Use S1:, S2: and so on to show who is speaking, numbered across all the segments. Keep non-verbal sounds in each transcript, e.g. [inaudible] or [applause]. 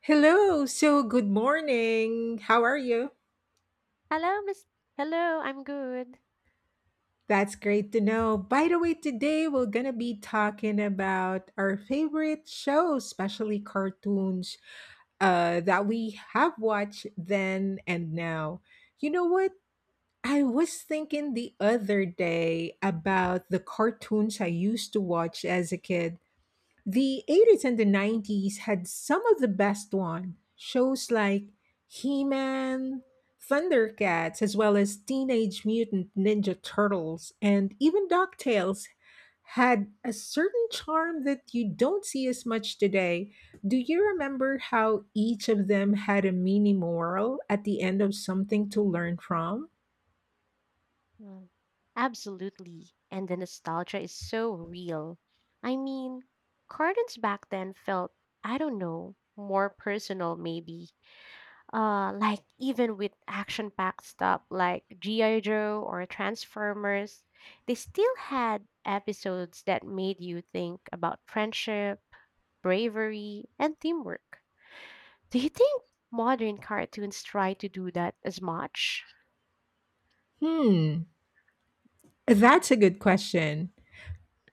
S1: Hello. So, good morning. How are you?
S2: Hello, Miss. Hello, I'm good.
S1: That's great to know. By the way, today we're going to be talking about our favorite shows, especially cartoons that we have watched then and now. You know what? I was thinking the other day about the cartoons I used to watch as a kid. The 80s and the 90s had some of the best one. Shows like He-Man, ThunderCats, as well as Teenage Mutant Ninja Turtles, and even DuckTales had a certain charm that you don't see as much today. Do you remember how each of them had a mini moral at the end of something to learn from?
S2: Mm. Absolutely. And the nostalgia is so real. I mean, cartoons back then felt, I don't know, more personal maybe. Like even with action-packed stuff like G.I. Joe or Transformers, they still had episodes that made you think about friendship, bravery, and teamwork. Do you think modern cartoons try to do that as much?
S1: Hmm, that's a good question.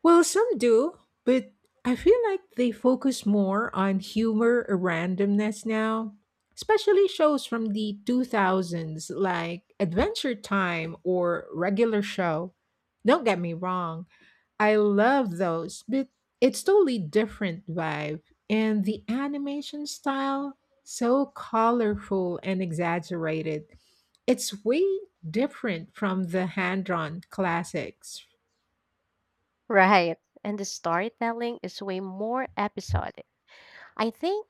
S1: Well, some do, but I feel like they focus more on humor or randomness now, especially shows from the 2000s like Adventure Time or Regular Show. Don't get me wrong, I love those, but it's totally different vibe. And the animation style, so colorful and exaggerated. It's way different from the hand drawn classics.
S2: Right. And the storytelling is way more episodic. I think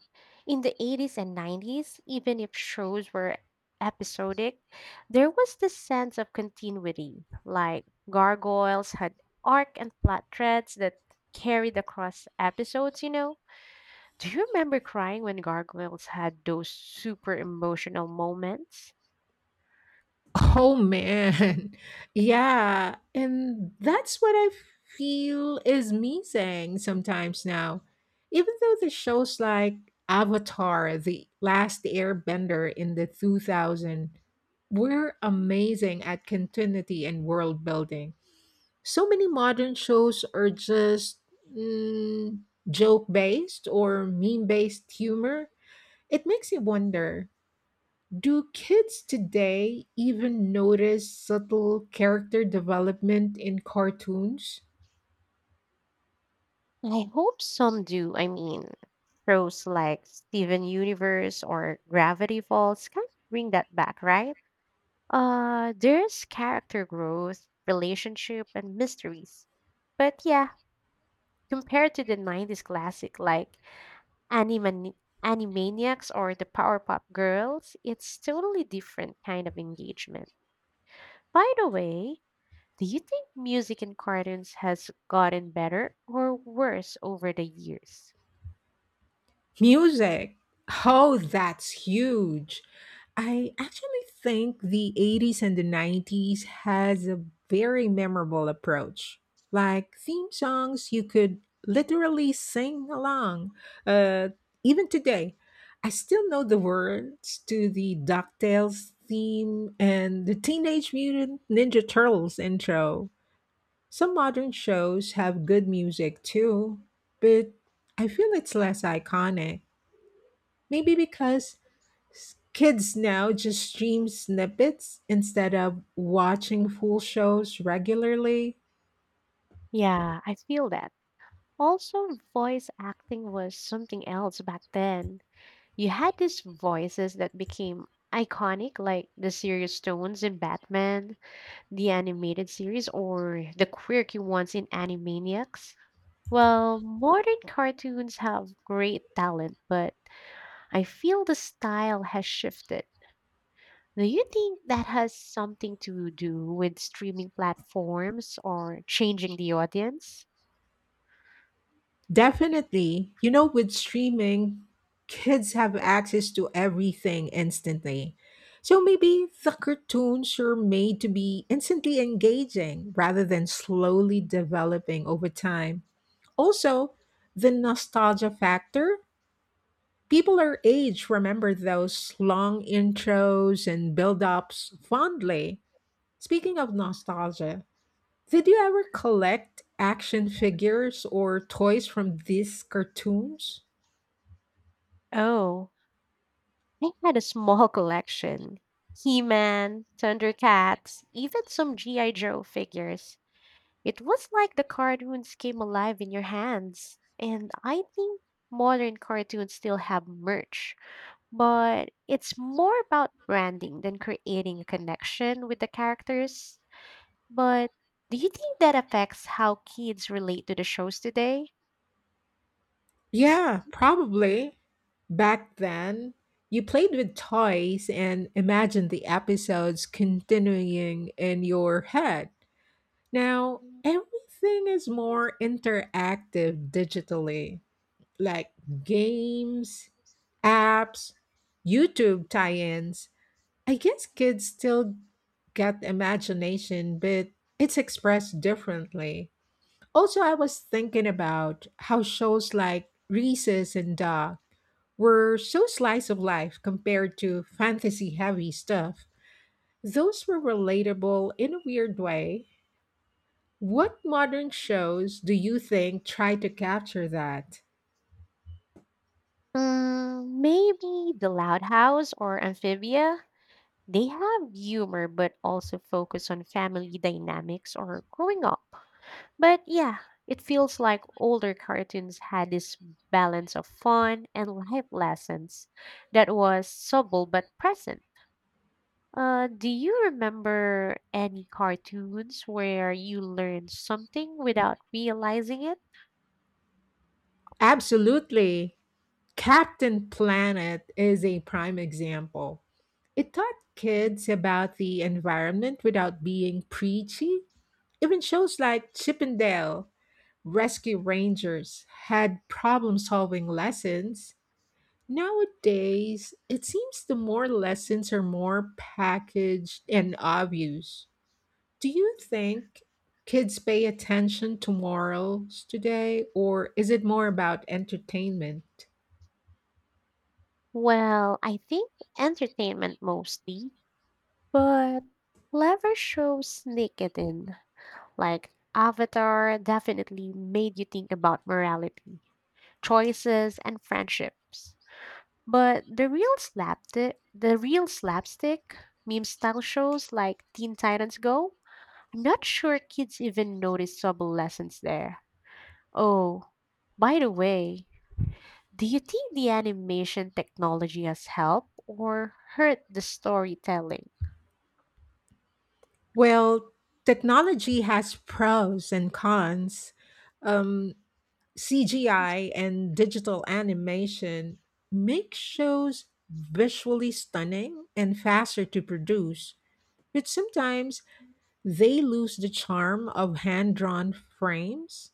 S2: in the 80s and 90s, even if shows were episodic, there was this sense of continuity. Like Gargoyles had arc and plot threads that carried across episodes, [laughs] Do you remember crying when Gargoyles had those super emotional moments?
S1: Oh man. [laughs] Yeah. And that's what I feel is missing sometimes now. Even though the shows like Avatar, The Last Airbender in the 2000 were amazing at continuity and world building. So many modern shows are just mm, joke based or meme based humor. It makes you wonder, do kids today even notice subtle character development in cartoons?
S2: I hope some do. I mean, shows like Steven Universe or Gravity Falls kind of bring that back, right? There's character growth, relationship, and mysteries. But yeah, compared to the 90s classic like Animani- Animaniacs or the Powerpuff Girls, it's totally different kind of engagement. By the way, do you think music in cartoons has gotten better or worse over the years?
S1: Music. Oh, that's huge. I actually think the 80s and the 90s has a very memorable approach. Like theme songs, you could literally sing along. Uh, Even today, I still know the words to the DuckTales theme and the Teenage Mutant Ninja Turtles intro. Some modern shows have good music too, but I feel it's less iconic. Maybe because kids now just stream snippets instead of watching full shows regularly.
S2: Yeah, I feel that. Also, voice acting was something else back then. You had these voices that became iconic, like the serious tones in Batman, the animated series, or the quirky ones in Animaniacs. Well, modern cartoons have great talent, but I feel the style has shifted. Do you think that has something to do with streaming platforms or changing the audience?
S1: Definitely. You know, with streaming, kids have access to everything instantly. So maybe the cartoons are made to be instantly engaging rather than slowly developing over time. Also, the nostalgia factor. People our age remember those long intros and build ups fondly. Speaking of nostalgia, did you ever collect action figures or toys from these cartoons?
S2: Oh, I had a small collection. He-Man, Thundercats, even some G.I. Joe figures. It was like the cartoons came alive in your hands. And I think modern cartoons still have merch, but it's more about branding than creating a connection with the characters. But do you think that affects how kids relate to the shows today?
S1: Yeah, probably. Back then, you played with toys and imagined the episodes continuing in your head. Now, everything is more interactive digitally, like games, apps, YouTube tie ins, I guess kids still get imagination, but it's expressed differently. Also, I was thinking about how shows like Reese's and Doc were so slice of life compared to fantasy heavy stuff. Those were relatable in a weird way. What modern shows do you think try to capture that?
S2: Mm, maybe The Loud House or Amphibia? They have humor but also focus on family dynamics or growing up. But yeah, it feels like older cartoons had this balance of fun and life lessons that was subtle but present. Do you remember any cartoons where you learned something without realizing it?
S1: Absolutely. Captain Planet is a prime example. It taught
S2: Mm.
S1: kids about the environment without being preachy. Even shows like Chip and Dale Rescue Rangers had problem solving lessons. Nowadays, it seems the more lessons are more packaged and obvious. Do you think kids pay attention to morals today, or is it more about entertainment?
S2: Well, I think entertainment mostly, but clever shows sneak it in. Like Avatar definitely made you think about morality, choices, and friendships. But the real slapstick meme style shows like Teen Titans Go, I'm not sure kids even notice subtle lessons there. Oh, by the way, do you think the animation technology has helped or hurt the storytelling?
S1: Well, technology has pros and cons. Um, CGI and digital animation make shows visually stunning and faster to produce, but sometimes they lose the charm of hand drawn frames.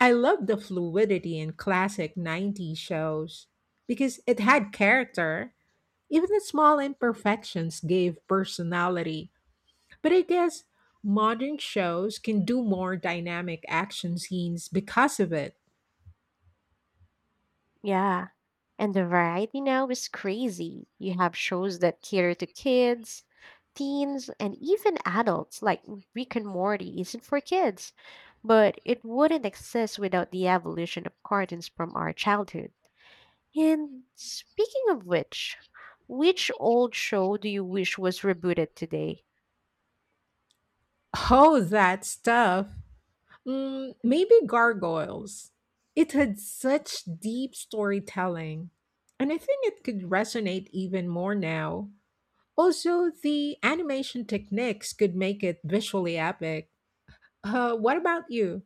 S1: I love the fluidity in classic 90s shows because it had character. Even the small imperfections gave personality. But I guess modern shows can do more dynamic action scenes because of it.
S2: Yeah. And the variety now is crazy. You have shows that cater to kids, teens, and even adults, like Rick and Morty isn't for kids, but it wouldn't exist without the evolution of cartoons from our childhood. And speaking of which old show do you wish was rebooted today?
S1: Oh, that stuff. Maybe Gargoyles. It had such deep storytelling. And I think it could resonate even more now. Also, the animation techniques could make it visually epic. What about you?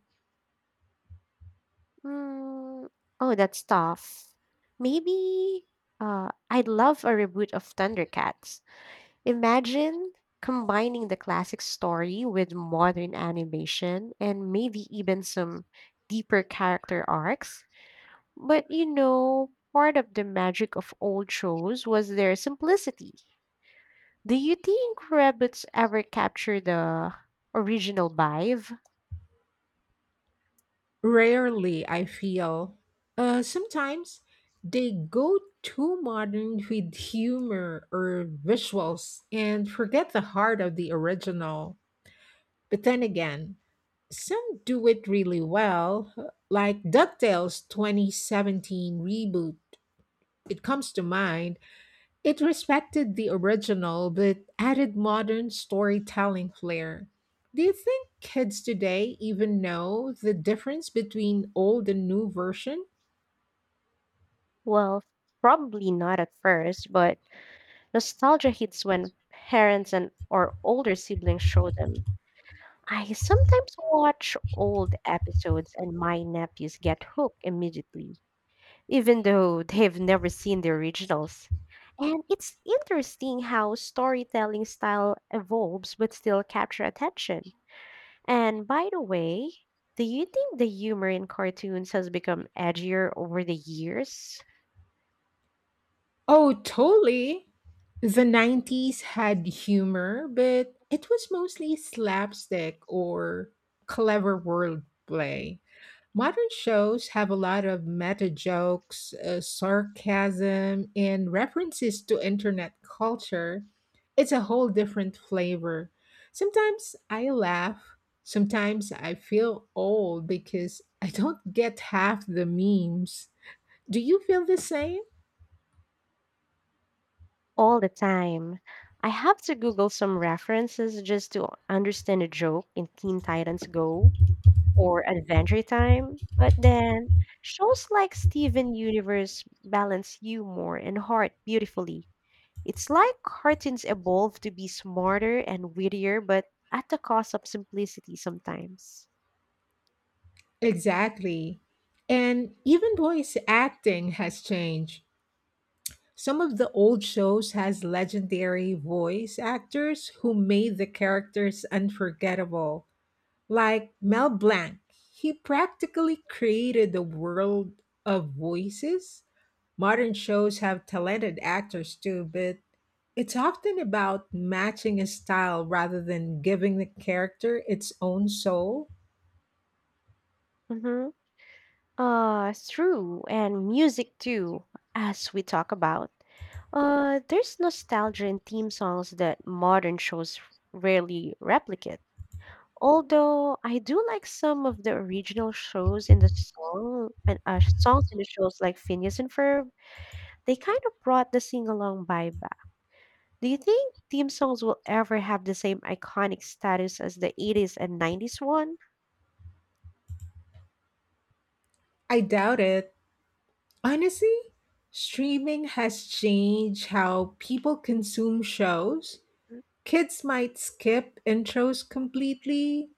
S2: Mm, oh, that's tough. Maybe I'd love a reboot of Thundercats. Imagine combining the classic story with modern animation and maybe even some deeper character arcs. But you know, part of the magic of old shows was their simplicity. Do you think Rabbits ever captured the original vibe?
S1: Rarely, I feel. Sometimes they go too modern with humor or visuals and forget the heart of the original. But then again, some do it really well, like DuckTales 2017 reboot. It comes to mind it respected the original but added modern storytelling flair. Do you think kids today even know the difference between old and new version?
S2: Well, probably not at first, but nostalgia hits when parents and or older siblings show them. I sometimes watch old episodes and my nephews get hooked immediately, even though they've never seen the originals. And it's interesting how storytelling style evolves but still capture attention. And by the way, do you think the humor in cartoons has become edgier over the years?
S1: Oh, totally. The 90s had humor, but it was mostly slapstick or clever wordplay. Modern shows have a lot of meta jokes, sarcasm, and references to internet culture. It's a whole different flavor. Sometimes I laugh, sometimes I feel old because I don't get half the memes. Do you feel the same?
S2: All the time. I have to Google some references just to understand a joke in Teen Titans Go or Adventure Time, but then shows like Steven Universe balance humor and heart beautifully. It's like cartoons evolve to be smarter and wittier, but at the cost of simplicity sometimes.
S1: Exactly. And even voice acting has changed. Some of the old shows has legendary voice actors who made the characters unforgettable, like Mel Blanc. He practically created the world of voices. Modern shows have talented actors too, but it's often about matching a style rather than giving the character its own soul.
S2: Mm-hmm. True, and music too, as we talk about. There's nostalgia in theme songs that modern shows rarely replicate. Although I do like some of the original shows in the song and songs in the shows like Phineas and Ferb, they kind of brought the sing along vibe back. Do you think theme songs will ever have the same iconic status as the 80s and 90s one?
S1: I doubt it. Honestly, streaming has changed how people consume shows.
S2: Mm,
S1: Kids might skip intros completely,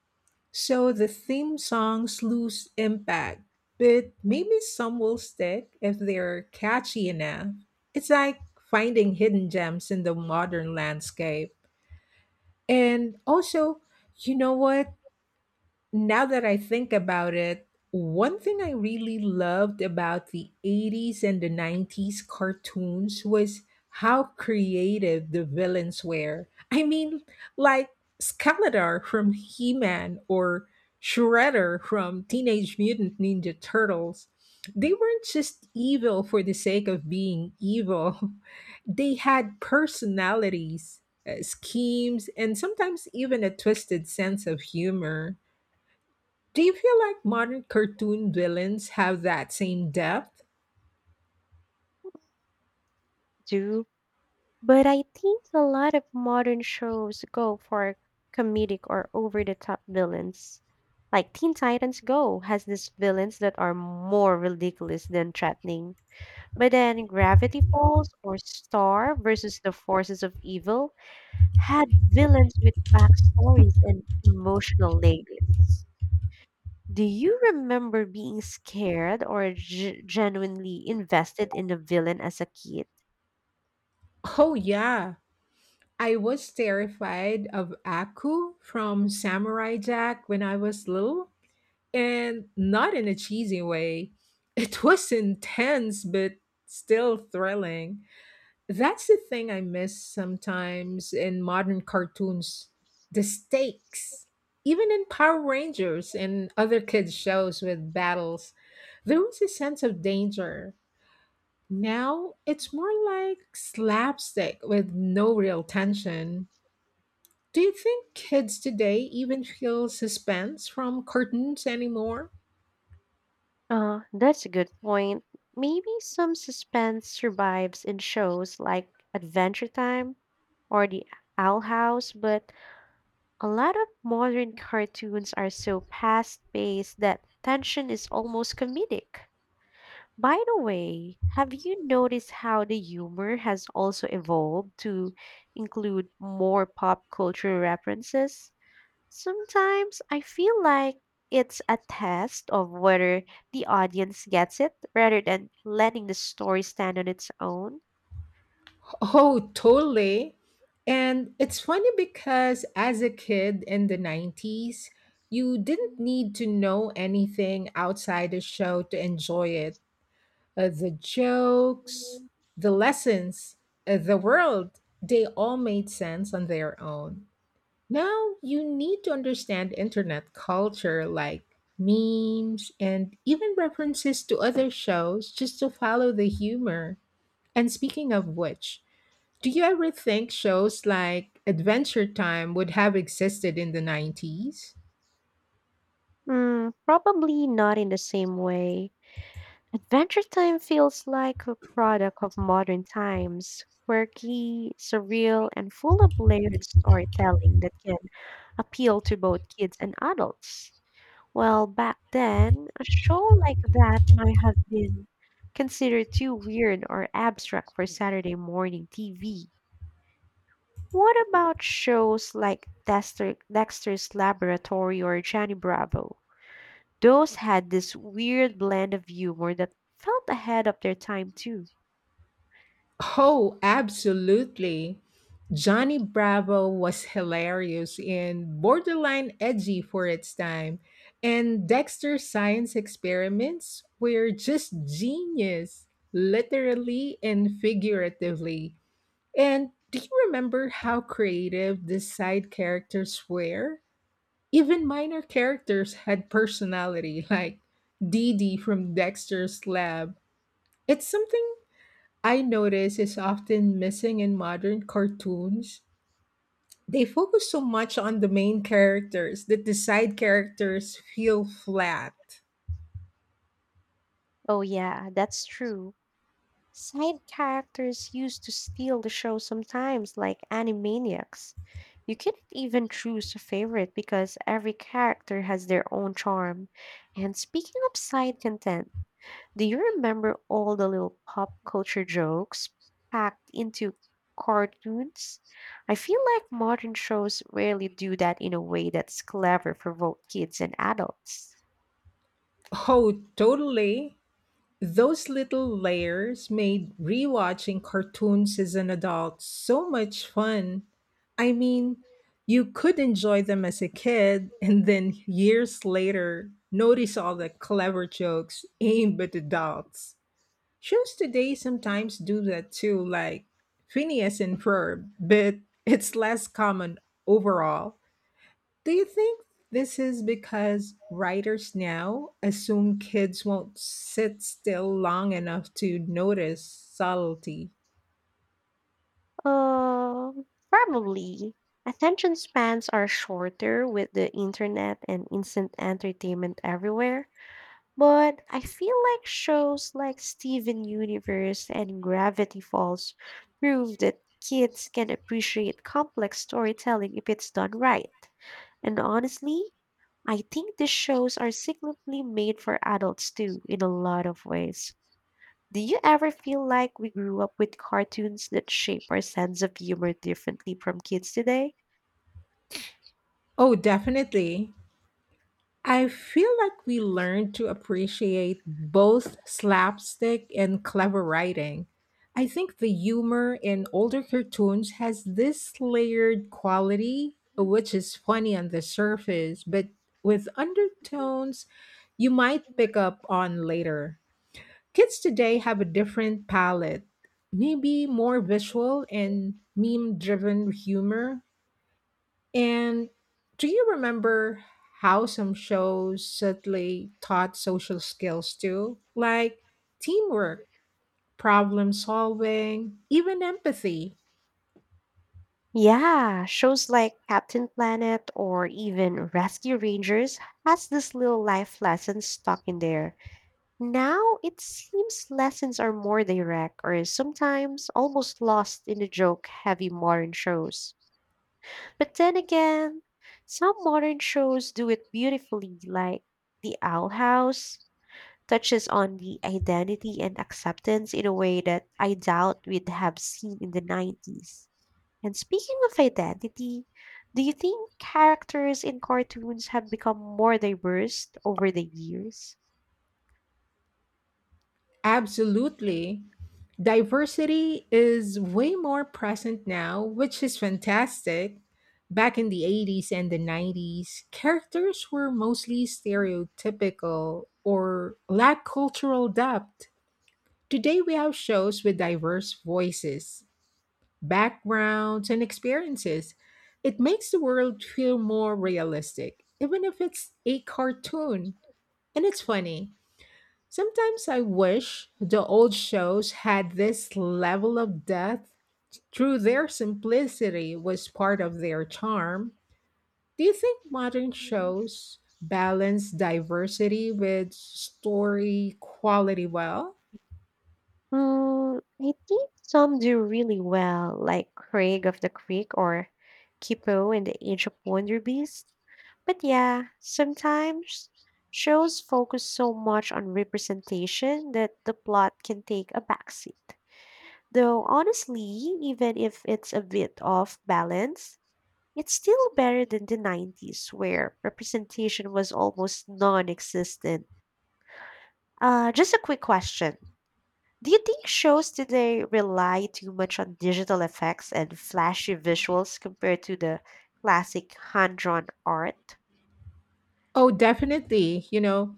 S1: so the theme songs lose impact, but maybe some will stick if they're catchy enough. It's like finding hidden gems in the modern landscape. And also, you know what? Now that I think about it, one thing I really loved about the 80s and the 90s cartoons was how creative the villains were. I mean, like Skeletor from He Man or Shredder from Teenage Mutant Ninja Turtles. They weren't just evil for the sake of being evil, [laughs] they had personalities, schemes, and sometimes even a twisted sense of humor. Do you feel like modern cartoon villains have that same depth?
S2: do? But I think a lot of modern shows go for comedic or over the top villains. Like Teen Titans Go has these villains that are more ridiculous than threatening. But then, Gravity Falls or Star versus the Forces of Evil had villains with backstories and emotional layers. Do you remember being scared or genuinely invested in the villain as a kid?
S1: Oh, yeah. I was terrified of Aku from Samurai Jack when I was little, and not in a cheesy way. It was [laughs] intense, but still thrilling. That's the thing I miss sometimes in modern cartoons, the stakes. Even in Power Rangers and other kids' shows with battles, there was a sense of danger. Now it's more like slapstick with no real tension. Do you think kids today even feel suspense from cartoons anymore?
S2: That's a good point. Maybe some suspense survives in shows like Adventure Time or The Owl House, but a lot of modern cartoons are so fast paced that tension is almost comedic. By the way, have you noticed how the humor has also evolved to include more pop culture references? Sometimes I feel like it's a test of whether the audience gets it rather than letting the story stand on its own.
S1: Oh, totally. And it's funny because as a kid in the 90s, you didn't need to know anything outside the show to enjoy it. The jokes, the lessons, the world, they all made sense on their own. Now you need to understand internet culture like memes and even references to other shows just to follow the humor. And speaking of which, do you ever think shows like Adventure Time would have existed in the 90s?
S2: Hmm, probably not in the same way. Adventure Time feels like a product of modern times, quirky, surreal, and full of layered storytelling that can appeal to both kids and adults. Well, back then, a show like that might have been considered too weird or abstract for Saturday morning TV. What about shows like Dexter's Laboratory or Johnny Bravo? Those had this weird blend of humor that felt ahead of their time, too.
S1: Oh, absolutely. Johnny Bravo was hilarious and borderline edgy for its time, and Dexter's science experiments were just genius, literally and figuratively. And do you remember how creative the side characters were? Even minor characters had personality, like Dee Dee from Dexter's lab. It's something I notice is often missing in modern cartoons. They focus so much on the main characters that the side characters feel flat.
S2: Oh, yeah, that's true. Side characters used to steal the show sometimes, like Animaniacs. You couldn't even choose a favorite because every character has their own charm. And speaking of side content, do you remember all the little pop culture jokes packed into cartoons? I feel like modern shows rarely do that in a way that's clever for both kids and adults.
S1: Oh, totally. Those little layers made rewatching cartoons as an adult so much fun. I mean, you could enjoy them as a kid and then years later notice all the clever jokes aimed at adults. Shows today sometimes do that too, like Phineas and Ferb, but it's less common overall. Do you think this is because writers now assume kids won't sit still long enough to notice subtlety?
S2: Probably. Attention spans are shorter with the internet and instant entertainment everywhere. But I feel like shows like Steven Universe and Gravity Falls prove that kids can appreciate complex storytelling if it's done right. And honestly, I think these shows are secretly made for adults too, in a lot of ways. Do you ever feel like we grew up with cartoons that shape our sense of humor differently from kids today?
S1: Oh, definitely. I feel like we learned to appreciate both slapstick and clever writing. I think the humor in older cartoons has this layered quality, which is funny on the surface, but with undertones you might pick up on later. Kids today have a different palette, maybe more visual and meme driven humor, and do you remember how some shows subtly taught social skills too? Like teamwork, problem solving, even empathy.
S2: Yeah, shows like Captain Planet or even Rescue Rangers has these little life lessons stuck in there. Now it seems lessons are more direct or sometimes almost lost in the joke heavy modern shows. But then again, some modern shows do it beautifully like The Owl House touches on the identity and acceptance in a way that I doubt we'd have seen in the 90s. And speaking of identity, do you think characters in cartoons have become more diverse over the years?
S1: Absolutely. Diversity is way more present now, which is fantastic. Back in the 80s and the 90s, characters were mostly stereotypical or lacked cultural depth. Today, we have shows with diverse voices, backgrounds, and experiences. It makes the world feel more realistic, even if it's a cartoon. And it's funny. Sometimes I wish the old shows had this level of depth. Through their simplicity was part of their charm. Do you think modern shows balance diversity with story quality well?
S2: Mm, I think some do really well, like Craig of the Creek or Kipo in the Age of Wonder Beast. But yeah, sometimes shows focus so much on representation that the plot can take a backseat. Though honestly, even if it's a bit off balance, it's still better than the 90s where representation was almost non-existent. Just a quick question. Do you think shows today rely too much on digital effects and flashy visuals compared to the classic hand drawn art?
S1: Oh, definitely. You know,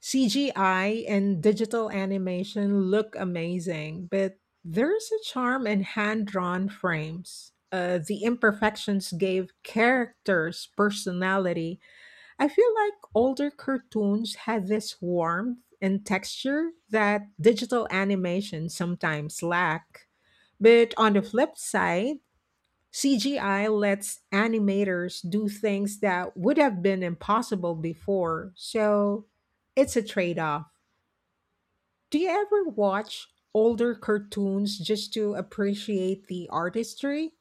S1: CGI and digital animation look amazing, but there's a charm in hand drawn frames. The imperfections gave characters personality. I feel like older cartoons had this warmth and texture that digital animation sometimes lack. But on the flip side, CGI lets animators do things that would have been impossible before, so it's a trade off. Do you ever watch older cartoons just to appreciate the artistry?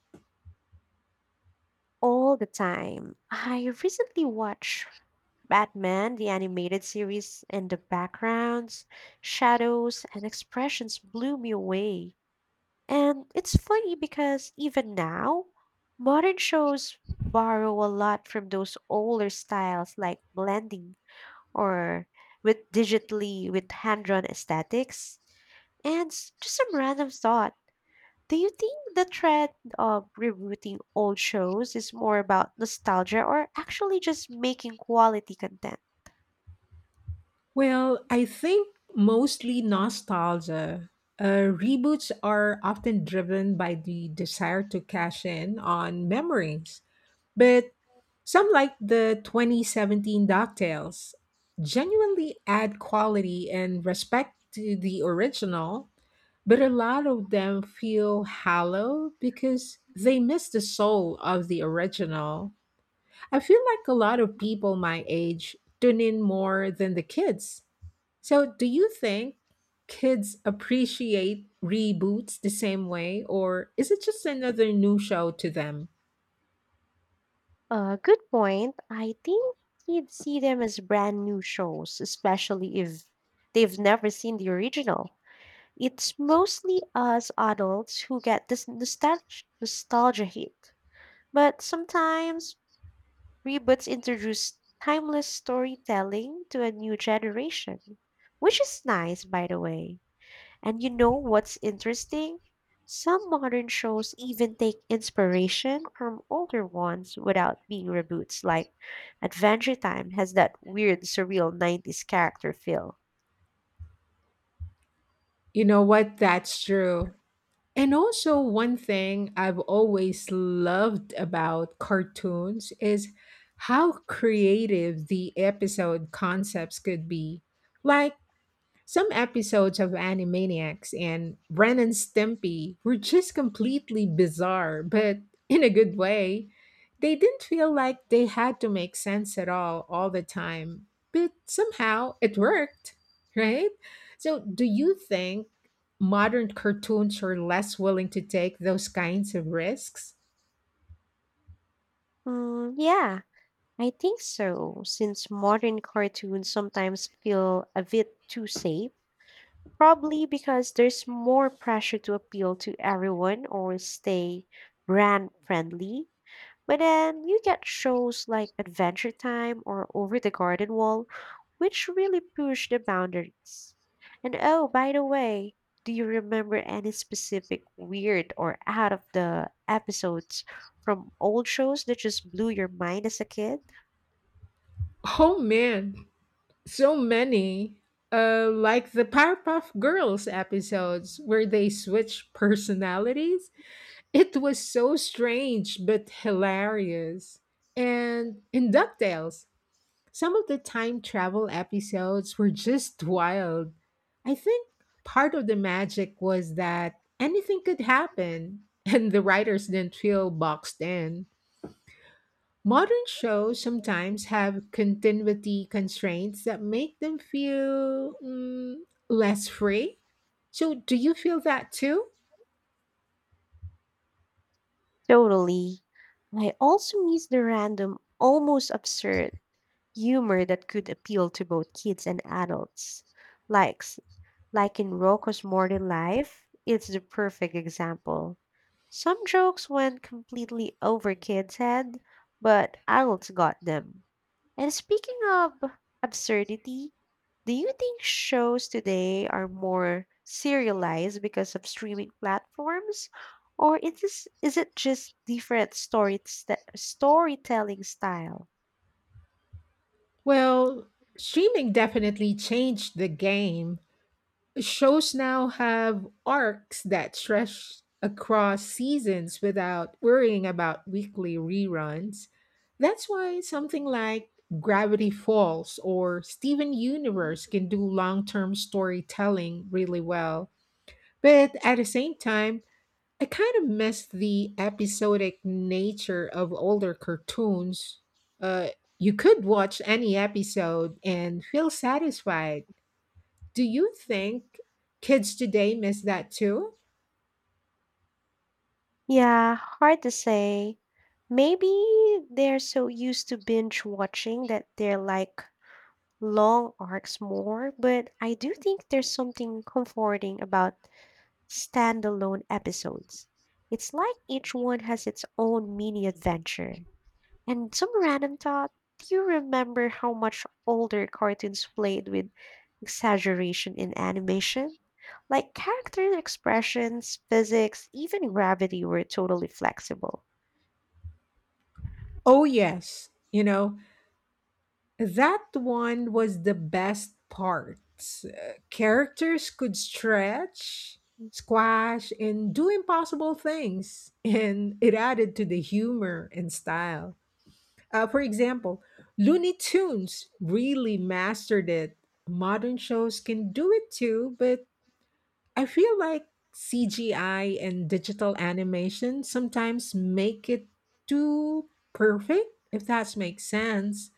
S2: All the time. I recently watched Batman, the animated series, and the backgrounds, shadows, and expressions blew me away. And it's funny because even now, modern shows borrow a lot from those older styles like blending or with digitally with hand-drawn aesthetics. And just some random thought. Do you think the trend of rebooting old shows is more about nostalgia or actually just making quality content?
S1: Well, I think mostly nostalgia. Reboots are often driven by the desire to cash in on memories, but some, like the 2017 DuckTales, genuinely add quality and respect to the original. But a lot of them feel hollow because they miss the soul of the original. I feel like a lot of people my age tune in more than the kids. So, do you think kids appreciate reboots the same way, or is it just another new show to them?
S2: Good point. I think you'd see them as brand new shows, especially if they've never seen the original. It's mostly us adults who get this nostalgia hit. But sometimes Reboots introduce timeless storytelling to a new generation, which is nice, by the way. And you know what's interesting? Some modern shows even take inspiration from older ones without being reboots, like Adventure Time has that weird, surreal 90s character feel.
S1: You know what? That's true. And also, one thing I've always loved about cartoons is how creative the episode concepts could be. Like, some episodes of Animaniacs and Ren and Stimpy were just completely bizarre, but in a good way. They didn't feel like they had to make sense at all the time, but somehow it worked, right? So, do you think modern cartoons are less willing to take those kinds of risks?
S2: Mm, yeah, I think so, since modern cartoons sometimes feel a bit too safe, probably because there's more pressure to appeal to everyone or stay brand friendly. But then you get shows like Adventure Time or Over the Garden Wall, which really push the boundaries. And oh, by the way, do you remember any specific weird or out of the episodes from old shows that just blew your mind as a kid?
S1: Oh man, so many. Like the Powerpuff Girls episodes where they switch personalities. It was so strange but hilarious. And in DuckTales, some of the time travel episodes were just wild. I think part of the magic was that anything could happen, [laughs] and the writers didn't feel boxed in. Modern shows sometimes have continuity constraints that make them feel less free. So, do you feel that too?
S2: Totally. I also miss the random, almost absurd humor that could appeal to both kids and adults. Likes, like in Rocco's Modern Life, it's the perfect example. Some jokes went completely over kids' head, but adults got them. And speaking of absurdity, do you think shows today are more serialized because of streaming platforms? Or it is, this, is it just different story, st- storytelling style?
S1: Well, streaming definitely changed the game. Shows now have arcs that stretch across seasons without worrying about weekly reruns. That's why something like Gravity Falls or Steven Universe can do long term storytelling really well. But at the same time, I kind of miss the episodic nature of older cartoons. Uh, you could watch any episode and feel satisfied. Do you think kids today miss that too?
S2: Yeah, hard to say. Maybe they're so used to binge watching that they're like long arcs more, but I do think there's something comforting about standalone episodes. It's like each one has its own mini adventure. And some random thought, do you remember how much older cartoons played with exaggeration in animation? Like character expressions, physics, even gravity were totally flexible.
S1: Oh, yes. You know, that one was the best part. Characters could stretch, squash, and do impossible things, and it added to the humor and style. For example, Looney Tunes really mastered it. Modern shows can do it too, but I feel like CGI and digital animation sometimes make it too perfect, if that makes sense.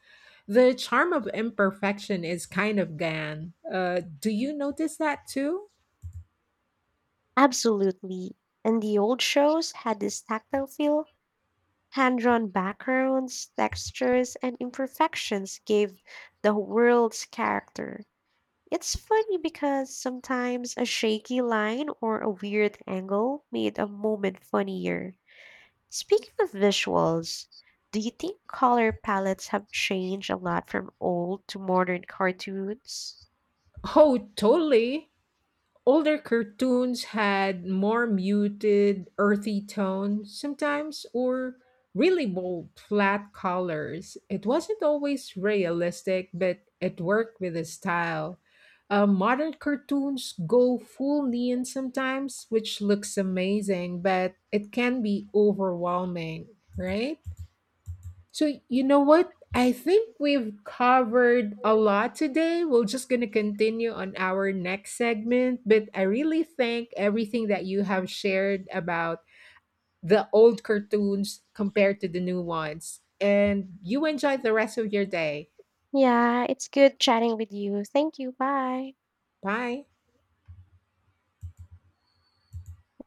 S1: The charm of imperfection is kind of gone. Do you notice that too?
S2: Absolutely. And the old shows had this tactile feel. Hand drawn backgrounds, textures, and imperfections gave the world's character. It's funny because sometimes a shaky line or a weird angle made a moment funnier. Speaking of visuals, do you think color palettes have changed a lot from old to modern cartoons?
S1: Oh, totally. Older cartoons had more muted, earthy tones sometimes, or really bold, flat colors. It wasn't always realistic, but it worked with the style. Modern cartoons go full neon sometimes, which looks amazing, but it can be overwhelming, right? So, you know what? I think we've covered a lot today. We're just going to continue on our next segment, but I really think everything that you have shared about the old cartoons compared to the new ones. And you enjoy the rest of your day.
S2: Yeah, it's good chatting with you. Thank you. Bye.
S1: Bye.